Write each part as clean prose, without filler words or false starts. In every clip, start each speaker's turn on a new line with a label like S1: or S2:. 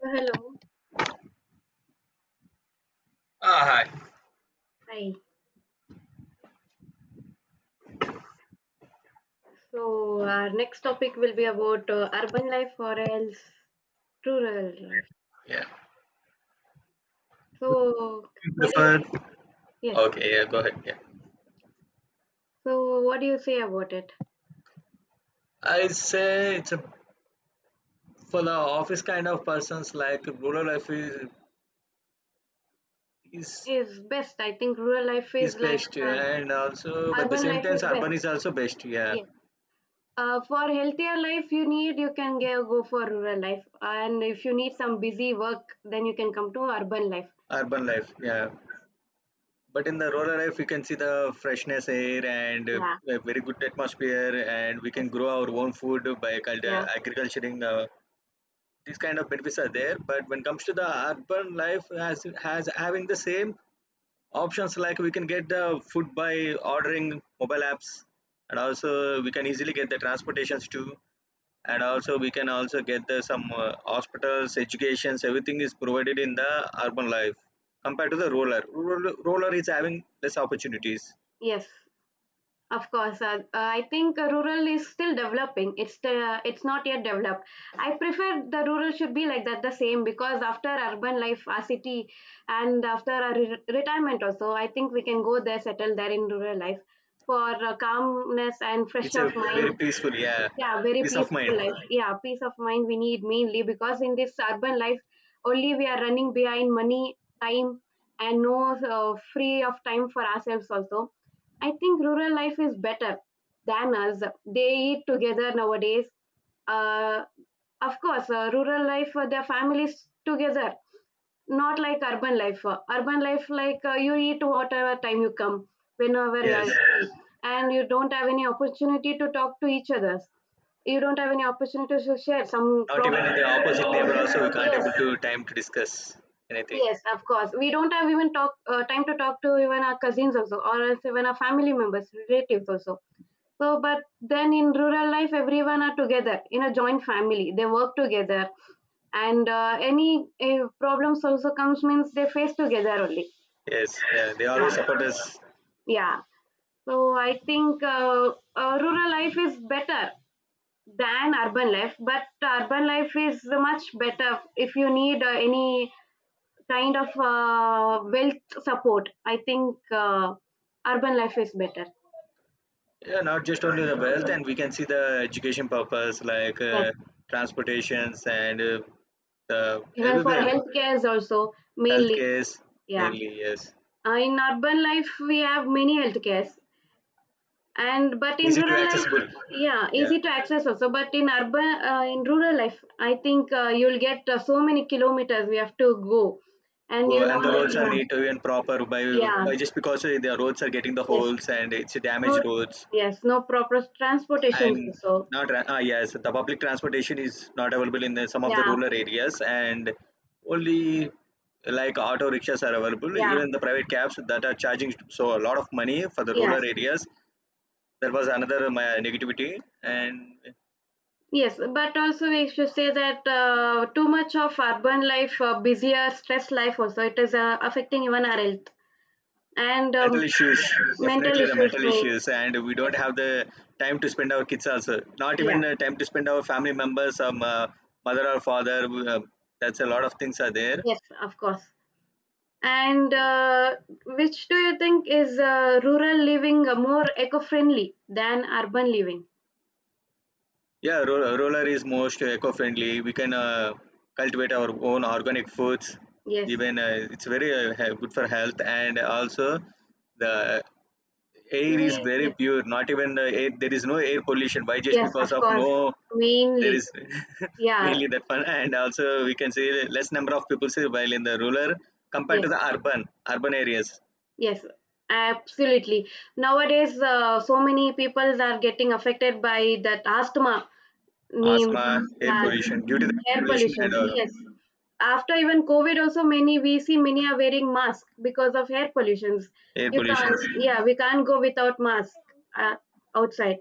S1: So, hello.
S2: Ah, hi.
S1: Hi. So, our next topic will be about urban life or else rural life.
S2: Yeah.
S1: So,
S2: You
S1: what is,
S2: prefer?
S1: yes?
S2: Okay, yeah, go ahead. Yeah.
S1: So, what do you say about it?
S2: I say it's a, for the office kind of persons like rural life is
S1: Is best? I think rural life
S2: is
S1: is like
S2: best, yeah, and also but the
S1: urban
S2: same
S1: life
S2: times
S1: is best.
S2: urban is also best, yeah.
S1: Yes. For healthier life, you can go for rural life, and if you need some busy work, then you can come to urban life.
S2: Urban life, yeah, but in the rural life we can see the freshness air and
S1: Yeah.
S2: a very good atmosphere, and we can
S1: Yes.
S2: grow our own food by
S1: Yeah.
S2: agriculturing. These kind of benefits are there, but when it comes to the urban life as has having the same options, like we can get the food by ordering mobile apps, and also we can easily get the transportations too, and also we can also get the some hospitals, educations, everything is provided in the urban life. Compared to the rural, rural is having less opportunities.
S1: Yes. Of course, I think rural is still developing. It's not yet developed. I prefer the rural should be like that the same because after urban life, our city, and after our retirement also, I think we can go there, settle there in rural life for calmness and fresh
S2: It's a
S1: of
S2: very
S1: mind.
S2: peaceful, yeah.
S1: Yeah, very
S2: Peace of
S1: peaceful
S2: mind,
S1: life, yeah, peace of mind we need mainly because in this urban life only we are running behind money, time, and no free of time for ourselves also. I think rural life is better than us. They eat together nowadays. uh, of course, rural life, their families together, not like urban life. Urban life like you eat whatever time you come, whenever you
S2: yes.
S1: are, and you don't have any opportunity to talk to each other, you don't have any opportunity to share some
S2: Not even in the
S1: problem.
S2: opposite neighbor also we can't
S1: Yes,
S2: able to time to discuss anything.
S1: yes, of course we don't have even talk, time to talk to even our cousins also or else even our family members, relatives also. So but then in rural life everyone are together in a joint family, they work together, and any problems also comes means they face together only.
S2: Yes, yeah, they always
S1: Yeah,
S2: support us.
S1: yeah. So I think rural life is better than urban life, but urban life is much better if you need any kind of wealth support. I think urban life is better.
S2: Yeah, not just only the wealth, and we can see the education purpose like
S1: Yes,
S2: transportations and the
S1: even for
S2: everywhere.
S1: healthcares also, mainly.
S2: Healthcare
S1: Yeah.
S2: mainly, yes.
S1: In urban life we have many healthcares. And but in
S2: Easy to
S1: rural
S2: accessible,
S1: life, yeah,
S2: yeah.
S1: easy to access also. But in urban, in rural life I think you'll get so many kilometers we have to go, and
S2: Go,
S1: you know.
S2: and the roads are neat and proper by
S1: Yeah, yeah.
S2: by just because the roads are getting the
S1: Yes.
S2: holes and it's
S1: No,
S2: damaged roads.
S1: yes, no proper transportations
S2: And
S1: also.
S2: not yes, the public transportation is not available in the, some of the
S1: Yeah,
S2: rural areas, and only like auto rickshaws are available.
S1: yeah,
S2: Even the private cabs that are charging so a lot of money for the
S1: yes,
S2: rural areas. There was another my negativity and
S1: yes. But also we should say that too much of urban life, busier, stress life also, it is affecting even our health and
S2: mental issues.
S1: mental
S2: Definitely the
S1: issues
S2: mental
S1: may.
S2: issues, and we
S1: Yes,
S2: don't have the time to spend our kids also, not even
S1: yeah,
S2: time to spend our family members, mother or father, that's a lot of things are there.
S1: yes, of course. And which do you think is, rural living more eco-friendly than urban living?
S2: Yeah, roller is most eco-friendly. We can cultivate our own organic foods.
S1: Yes,
S2: Even it's very good for health, and also the air is
S1: we,
S2: very
S1: yes,
S2: pure. Not even the air, there is no air pollution. Why? Just
S1: yes,
S2: because
S1: of
S2: of
S1: course,
S2: no, there
S1: mainly.
S2: is
S1: Yeah,
S2: mainly that one. And also we can say less number of people say while in the rural, compared to
S1: yes.
S2: the urban, areas.
S1: Yes, absolutely. Nowadays, so many people are getting affected by that asthma, name,
S2: Asthma, air
S1: yes,
S2: pollution due to the
S1: air
S2: pollution,
S1: pollution.
S2: and
S1: Yes, after even COVID, also many, we see many are wearing masks because of air pollutions.
S2: air
S1: You can't,
S2: pollutions.
S1: yeah, we can't go without mask, uh, outside.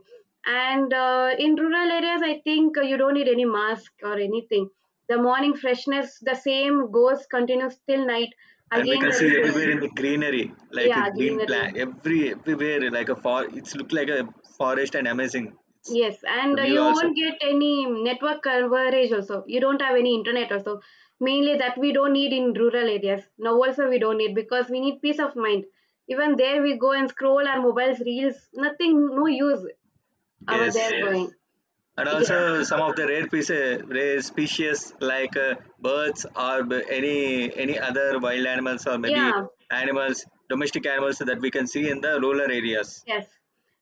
S1: And in rural areas, I think you don't need any mask or anything. The morning freshness, the same goes continues till night.
S2: And we
S1: Again,
S2: can see
S1: there is,
S2: everywhere in the greenery, like a
S1: yeah,
S2: green plant
S1: greenery.
S2: everywhere, like a, for it's look like a forest, and amazing, it's
S1: Yes,
S2: the
S1: and
S2: view
S1: you
S2: also.
S1: won't get any network coverage also. You don't have any internet also. Mainly that we don't need in rural areas. Now also we don't need because we need peace of mind. Even there we go and scroll our mobiles, reels, nothing, no use over
S2: Yes,
S1: there going.
S2: and
S1: Yes.
S2: also some of the rare pieces, rare species, like birds or any other wild animals, or maybe
S1: Yeah.
S2: animals, domestic animals that we can see in the rural areas.
S1: Yes.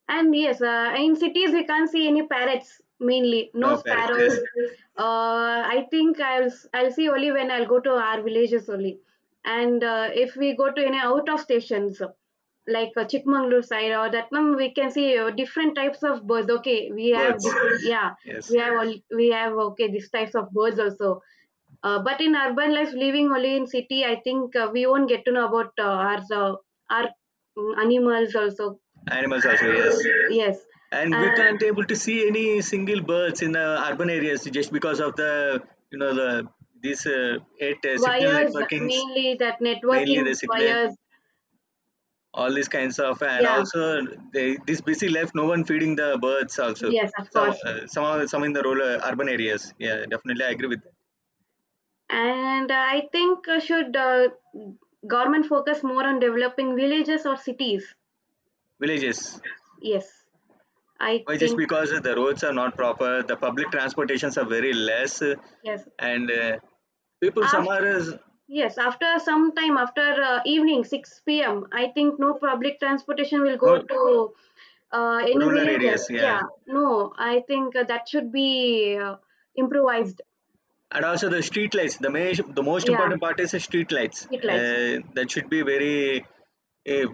S1: And yes, in cities we can't see any parrots mainly, no
S2: No Paris, yes.
S1: sparrows. I think I'll I'll see only when I'll go to our villages only. And if we go to any out of stations like Chikmagalur side or that one, we can see different types of birds. Okay, we have
S2: Birds,
S1: different. Yeah,
S2: yes.
S1: we have all we have, okay, these types of birds also. But in urban life, living only in city, I think we won't get to know about our animals also.
S2: Animals also, yes.
S1: Yes.
S2: And we
S1: Uh,
S2: can't able to see any single birds in the urban areas, just because of the, you know, the these eight signal
S1: wires,
S2: networkings.
S1: mainly that
S2: Mainly
S1: networking
S2: the signal,
S1: wires.
S2: all these kinds of, and
S1: Yeah.
S2: also they, this busy life, no one feeding the birds also.
S1: Yes, of
S2: Some
S1: course.
S2: some some in the rural, urban areas, yeah, definitely I agree with that.
S1: And I think should government focus more on developing villages or cities?
S2: Villages,
S1: Yes. I
S2: why? Just
S1: think
S2: because the roads are not proper, the public transportations are very less,
S1: yes.
S2: and people some
S1: After,
S2: are
S1: yes, after some time, after evening six p.m., I think no public transportation will go
S2: no-
S1: to any
S2: rural areas,
S1: villages.
S2: yeah,
S1: Yeah. No, I think that should be improvised.
S2: and also the street lights, the main, the most
S1: Yeah,
S2: important part is the street lights,
S1: street lights.
S2: that should be very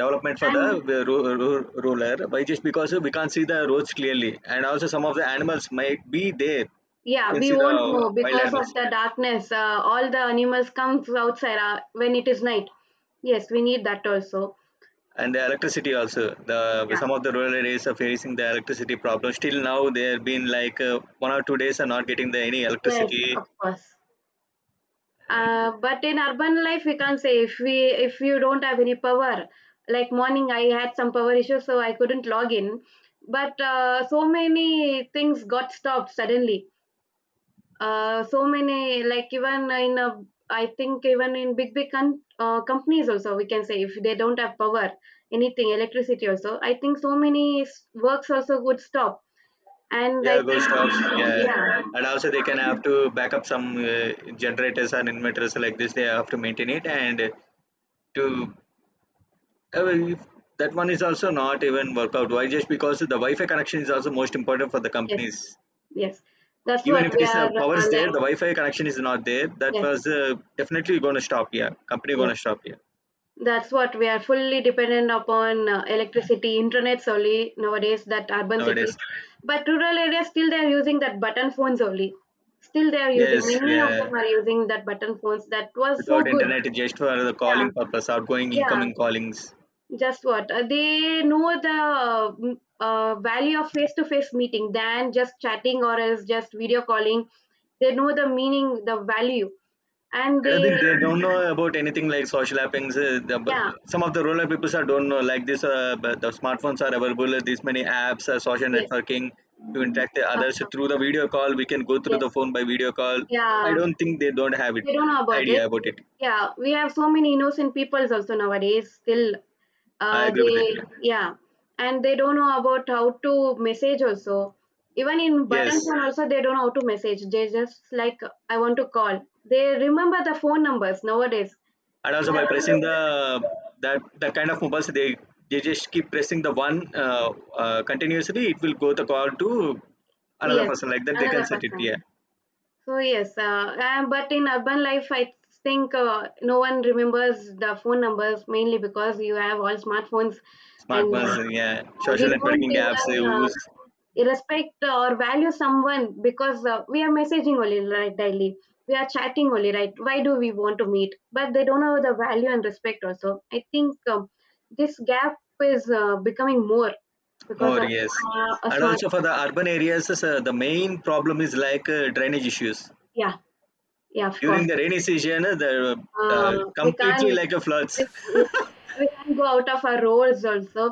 S2: development for
S1: And,
S2: the ruler. Why? Just because we can't see the roads clearly, and also some of the animals might be there. You
S1: yeah,
S2: can
S1: we
S2: see the
S1: won't know
S2: wild
S1: because of
S2: animals
S1: the
S2: here,
S1: darkness. All the animals comes outside when it is night. Yes, we need that also.
S2: and the electricity also. The
S1: Yeah.
S2: some of the rural areas are facing the electricity problem still now. They have been like 1 or 2 days are not getting the any
S1: Yes,
S2: electricity,
S1: of course.
S2: and
S1: But in urban life, we can't say if we, if you don't have any power. Like morning, I had some power issues, so I couldn't log in. But so many things got stopped suddenly. So many, like even in a, I think even in big big companies also we can say if they don't have power, anything, electricity also. I think so many works also would stop. And I
S2: yeah, ghost shops.
S1: think,
S2: Yeah,
S1: yeah,
S2: and also they can have to back up some generators and inverters like this. They have to maintain it, and to well, if that one is also not even work out. Why? Just because the Wi-Fi connection is also most important for the
S1: yes,
S2: companies.
S1: yes, that's
S2: Even
S1: what
S2: if it
S1: we
S2: is
S1: are
S2: power is there, the
S1: like.
S2: Wi-Fi connection is not there. That
S1: Yes,
S2: was definitely going to stop here. Company going
S1: yes.
S2: to stop here
S1: That's what we are fully dependent upon electricity, internet solely nowadays. That urban cities,
S2: nowadays.
S1: but rural areas still they are using that button phones only. Still they are using.
S2: Yes.
S1: Many of
S2: Yeah.
S1: them are using that button phones. That was so
S2: Without
S1: good.
S2: internet, just for the
S1: Yeah,
S2: calling purpose, outgoing,
S1: yeah.
S2: incoming callings.
S1: Just what they know the value of face to face meeting than just chatting or else just video calling. They know the meaning, the value, and
S2: I don't
S1: they,
S2: think they don't know about anything like social appings. The,
S1: yeah,
S2: some of the rural people are don't know like this. But the smartphones are available. These many apps, social
S1: yes,
S2: networking to interact
S1: of
S2: with others, so
S1: course,
S2: through the video call. We can go through
S1: yes,
S2: the phone by video call. I
S1: yeah,
S2: don't think they don't have it,
S1: they don't know about it.
S2: idea about it.
S1: Yeah, we have so many innocent peoples also nowadays. Still,
S2: I agree
S1: they,
S2: with it. Yeah.
S1: yeah, and they don't know about how to message also. Even in
S2: Yes,
S1: button phone also, they don't know how to message. They just like I want to call. They remember the phone numbers nowadays.
S2: and also by pressing
S1: But
S2: the, that the kind of mobiles they just keep pressing the one continuously. It will go the call to another
S1: yes,
S2: person like that. They can
S1: another
S2: set it.
S1: person.
S2: Yeah.
S1: So yes, but in urban life, I think no one remembers the phone numbers mainly because you have all smartphones, and
S2: Smartphones, yeah, social
S1: we don't
S2: networking apps
S1: even,
S2: used
S1: respect or value someone because we are messaging only, right, daily, we are chatting only, right, why do we want to meet? But they don't know the value and respect also. I think this gap is becoming more because
S2: more,
S1: of
S2: yes.
S1: a
S2: And
S1: smart,
S2: also for the urban areas, the main problem is like drainage issues.
S1: yeah, yeah, of
S2: During
S1: course.
S2: the rainy season, the
S1: uh, we
S2: completely
S1: can't
S2: like a floods.
S1: we, we can't go out of our roles also,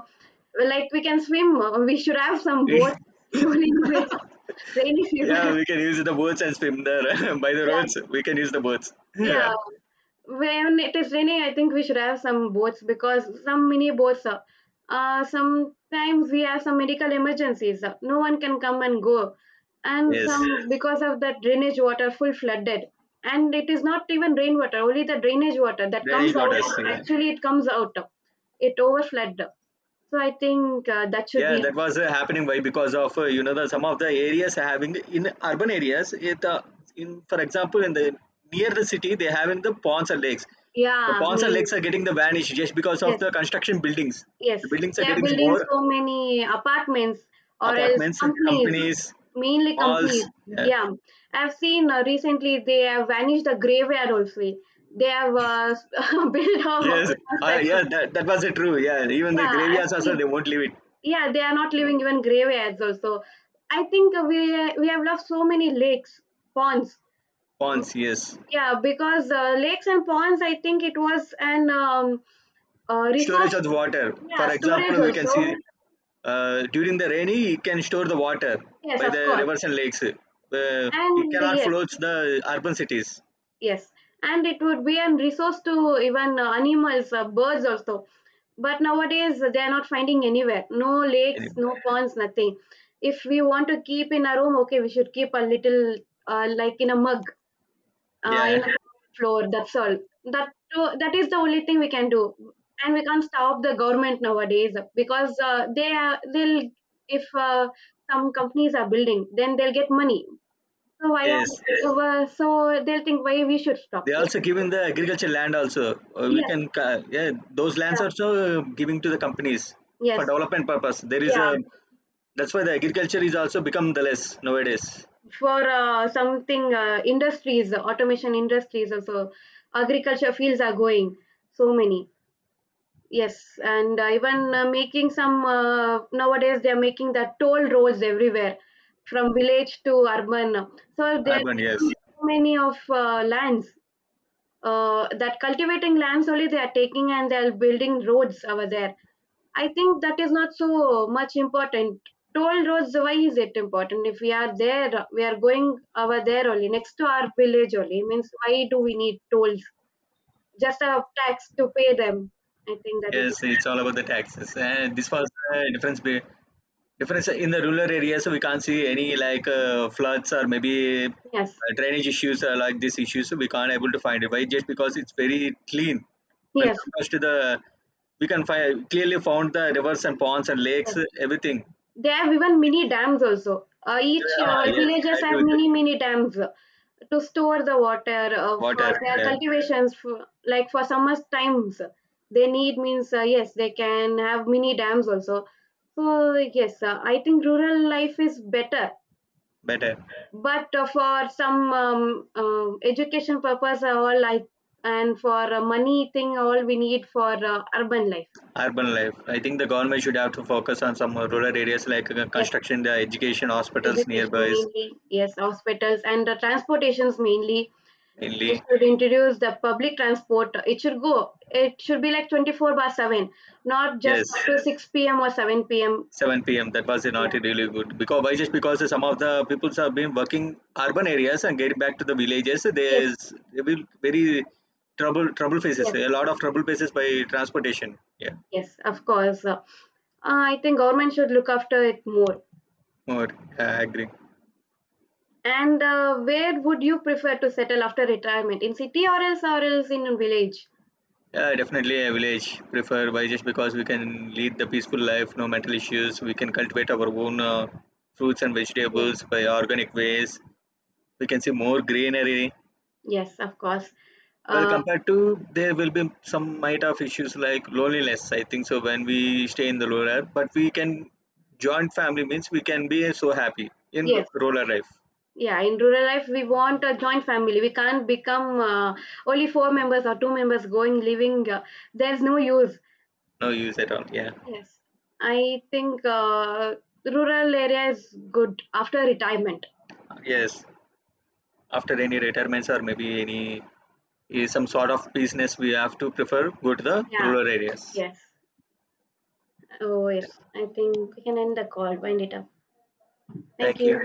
S1: like we can swim, we should have some
S2: We-
S1: boat during rainy
S2: yeah,
S1: season.
S2: we can use the boats and swim there by the roads. We can use the boats. Yeah.
S1: Yeah, when it is raining, I think we should have some boats because some mini boats. Sometimes we have some medical emergencies. No one can come and go, and
S2: Yes,
S1: some because of that drainage water full flooded, and it is not even rainwater, only the drainage water that
S2: drainage
S1: comes out.
S2: waters. Yeah.
S1: Actually, it comes out. It overflowed. So I think that should
S2: Yeah,
S1: be,
S2: that was happening. Why? Because of, you know, the some of the areas having in urban areas. It in for example in the, near the city they having the ponds and lakes. The
S1: yeah. I
S2: ponds and lakes
S1: mean,
S2: are getting the vanished just because of
S1: yes.
S2: the construction buildings.
S1: Yes,
S2: The buildings are
S1: they are
S2: getting
S1: building
S2: more
S1: so many apartments or else
S2: apartments,
S1: companies,
S2: companies,
S1: mainly
S2: malls.
S1: companies.
S2: Yeah.
S1: Yeah, I've seen recently they have vanished the graveyard also. They have built a
S2: Yes.
S1: construction.
S2: Yeah, that, that was true. Yeah. Even the
S1: Yeah, I've
S2: graveyards also
S1: seen.
S2: they won't leave it.
S1: Yeah, they are not leaving even graveyards also. I think we have lost so many lakes, ponds.
S2: Ponds. Yes.
S1: Yeah, because lakes and ponds, I think it was an
S2: Storage
S1: resource.
S2: of water.
S1: Yeah,
S2: For
S1: storage
S2: example, we can
S1: also.
S2: see during the rainy, it can store the water
S1: Yes,
S2: by
S1: of
S2: the
S1: course.
S2: rivers and lakes. It
S1: And
S2: cannot
S1: yes,
S2: flood the urban cities.
S1: yes, and it would be a resource to even animals, birds also. But nowadays they are not finding anywhere. No lakes,
S2: Any,
S1: no ponds, nothing. If we want to keep in our room, okay, we should keep a little, like in a mug,
S2: yeah,
S1: in a floor. That's all. That is the only thing we can do, and we can't stop the government nowadays because they'll, if some companies are building, then they'll get money. So why?
S2: yes.
S1: So they'll think why we should stop.
S2: They also giving the agriculture land also. We
S1: Yes,
S2: can yeah, those lands
S1: yeah,
S2: also giving to the companies for
S1: yes,
S2: development purpose. There is
S1: yeah.
S2: a, that's why the agriculture is also become the less nowadays.
S1: For something industries, automation industries also, agriculture fields are going so many. Yes, and even making some, nowadays they are making the toll roads everywhere, from village to urban. So they are
S2: Urban,
S1: taking
S2: yes.
S1: so many of lands. That cultivating lands only they are taking and they are building roads over there. I think that is not so much important. Toll roads, why is it important? If we are there, we are going over there only, next to our village only. Means, why do we need tolls? Just a tax to pay them. I think that is
S2: Yes, it's all about the taxes, and this was
S1: not.
S2: the difference difference in the rural areas. We can't see any like floods or maybe
S1: Yes,
S2: drainage issues or like these issues. We can't able to find it. Why? Just because it's very clean. When
S1: yes,
S2: compared to the, we can find clearly found the rivers and ponds and lakes,
S1: yes.
S2: everything.
S1: They have even mini dams also. Each
S2: Yeah, ah, yes,
S1: villages
S2: I agree
S1: have
S2: with that.
S1: mini dams to store the water for
S2: Water,
S1: their
S2: yeah,
S1: cultivations for, like for summer times they need means, yes they can have mini dams also. So yes, I think rural life is better.
S2: better.
S1: But for some education purpose, all I and for money thing all we need for urban life.
S2: Urban life. I think the government should have to focus on some rural areas like
S1: Yes,
S2: construction, the education, hospitals
S1: education
S2: nearby,
S1: mainly, yes, hospitals and transportations mainly. They
S2: mainly.
S1: should introduce the public transport. It should go. It should be like 24 by 7, not just up
S2: Yes.
S1: to 6 p.m. or 7 p.m.
S2: 7 p.m. That was not
S1: Yeah.
S2: really good. Because why? Just because some of the people have been working urban areas and getting back to the villages.
S1: Yes,
S2: There's there will very trouble faces.
S1: yes,
S2: A lot of trouble faces by transportation. Yeah,
S1: yes, of course. I think government should look after it more.
S2: more, yeah, I agree.
S1: And where would you prefer to settle after retirement? In city or else, or else in a village?
S2: Yeah, definitely a village prefer. Why? Just because we can lead the peaceful life, no mental issues. We can cultivate our own fruits and
S1: Yes,
S2: vegetables by organic ways. We can see more greenery.
S1: yes, of course.
S2: Well,
S1: Uh,
S2: compared to, there will be some might have issues like loneliness, I think so, when we stay in the rural, but we can joint family means we can be so happy in the
S1: yes,
S2: rural life.
S1: yeah. In rural life, we want a joint family. We can't become only four members or two members going living. There's no use.
S2: No use at all. Yeah.
S1: Yes, I think rural area is good after retirement.
S2: Yes. After
S1: Yeah.
S2: any retirements, or maybe any eh, some sort of business, we have to prefer go to the
S1: Yeah,
S2: rural areas.
S1: yes. Oh, yes.
S2: Yeah.
S1: I think we can end the call, wind it up. Thank
S2: Thank
S1: you.
S2: you.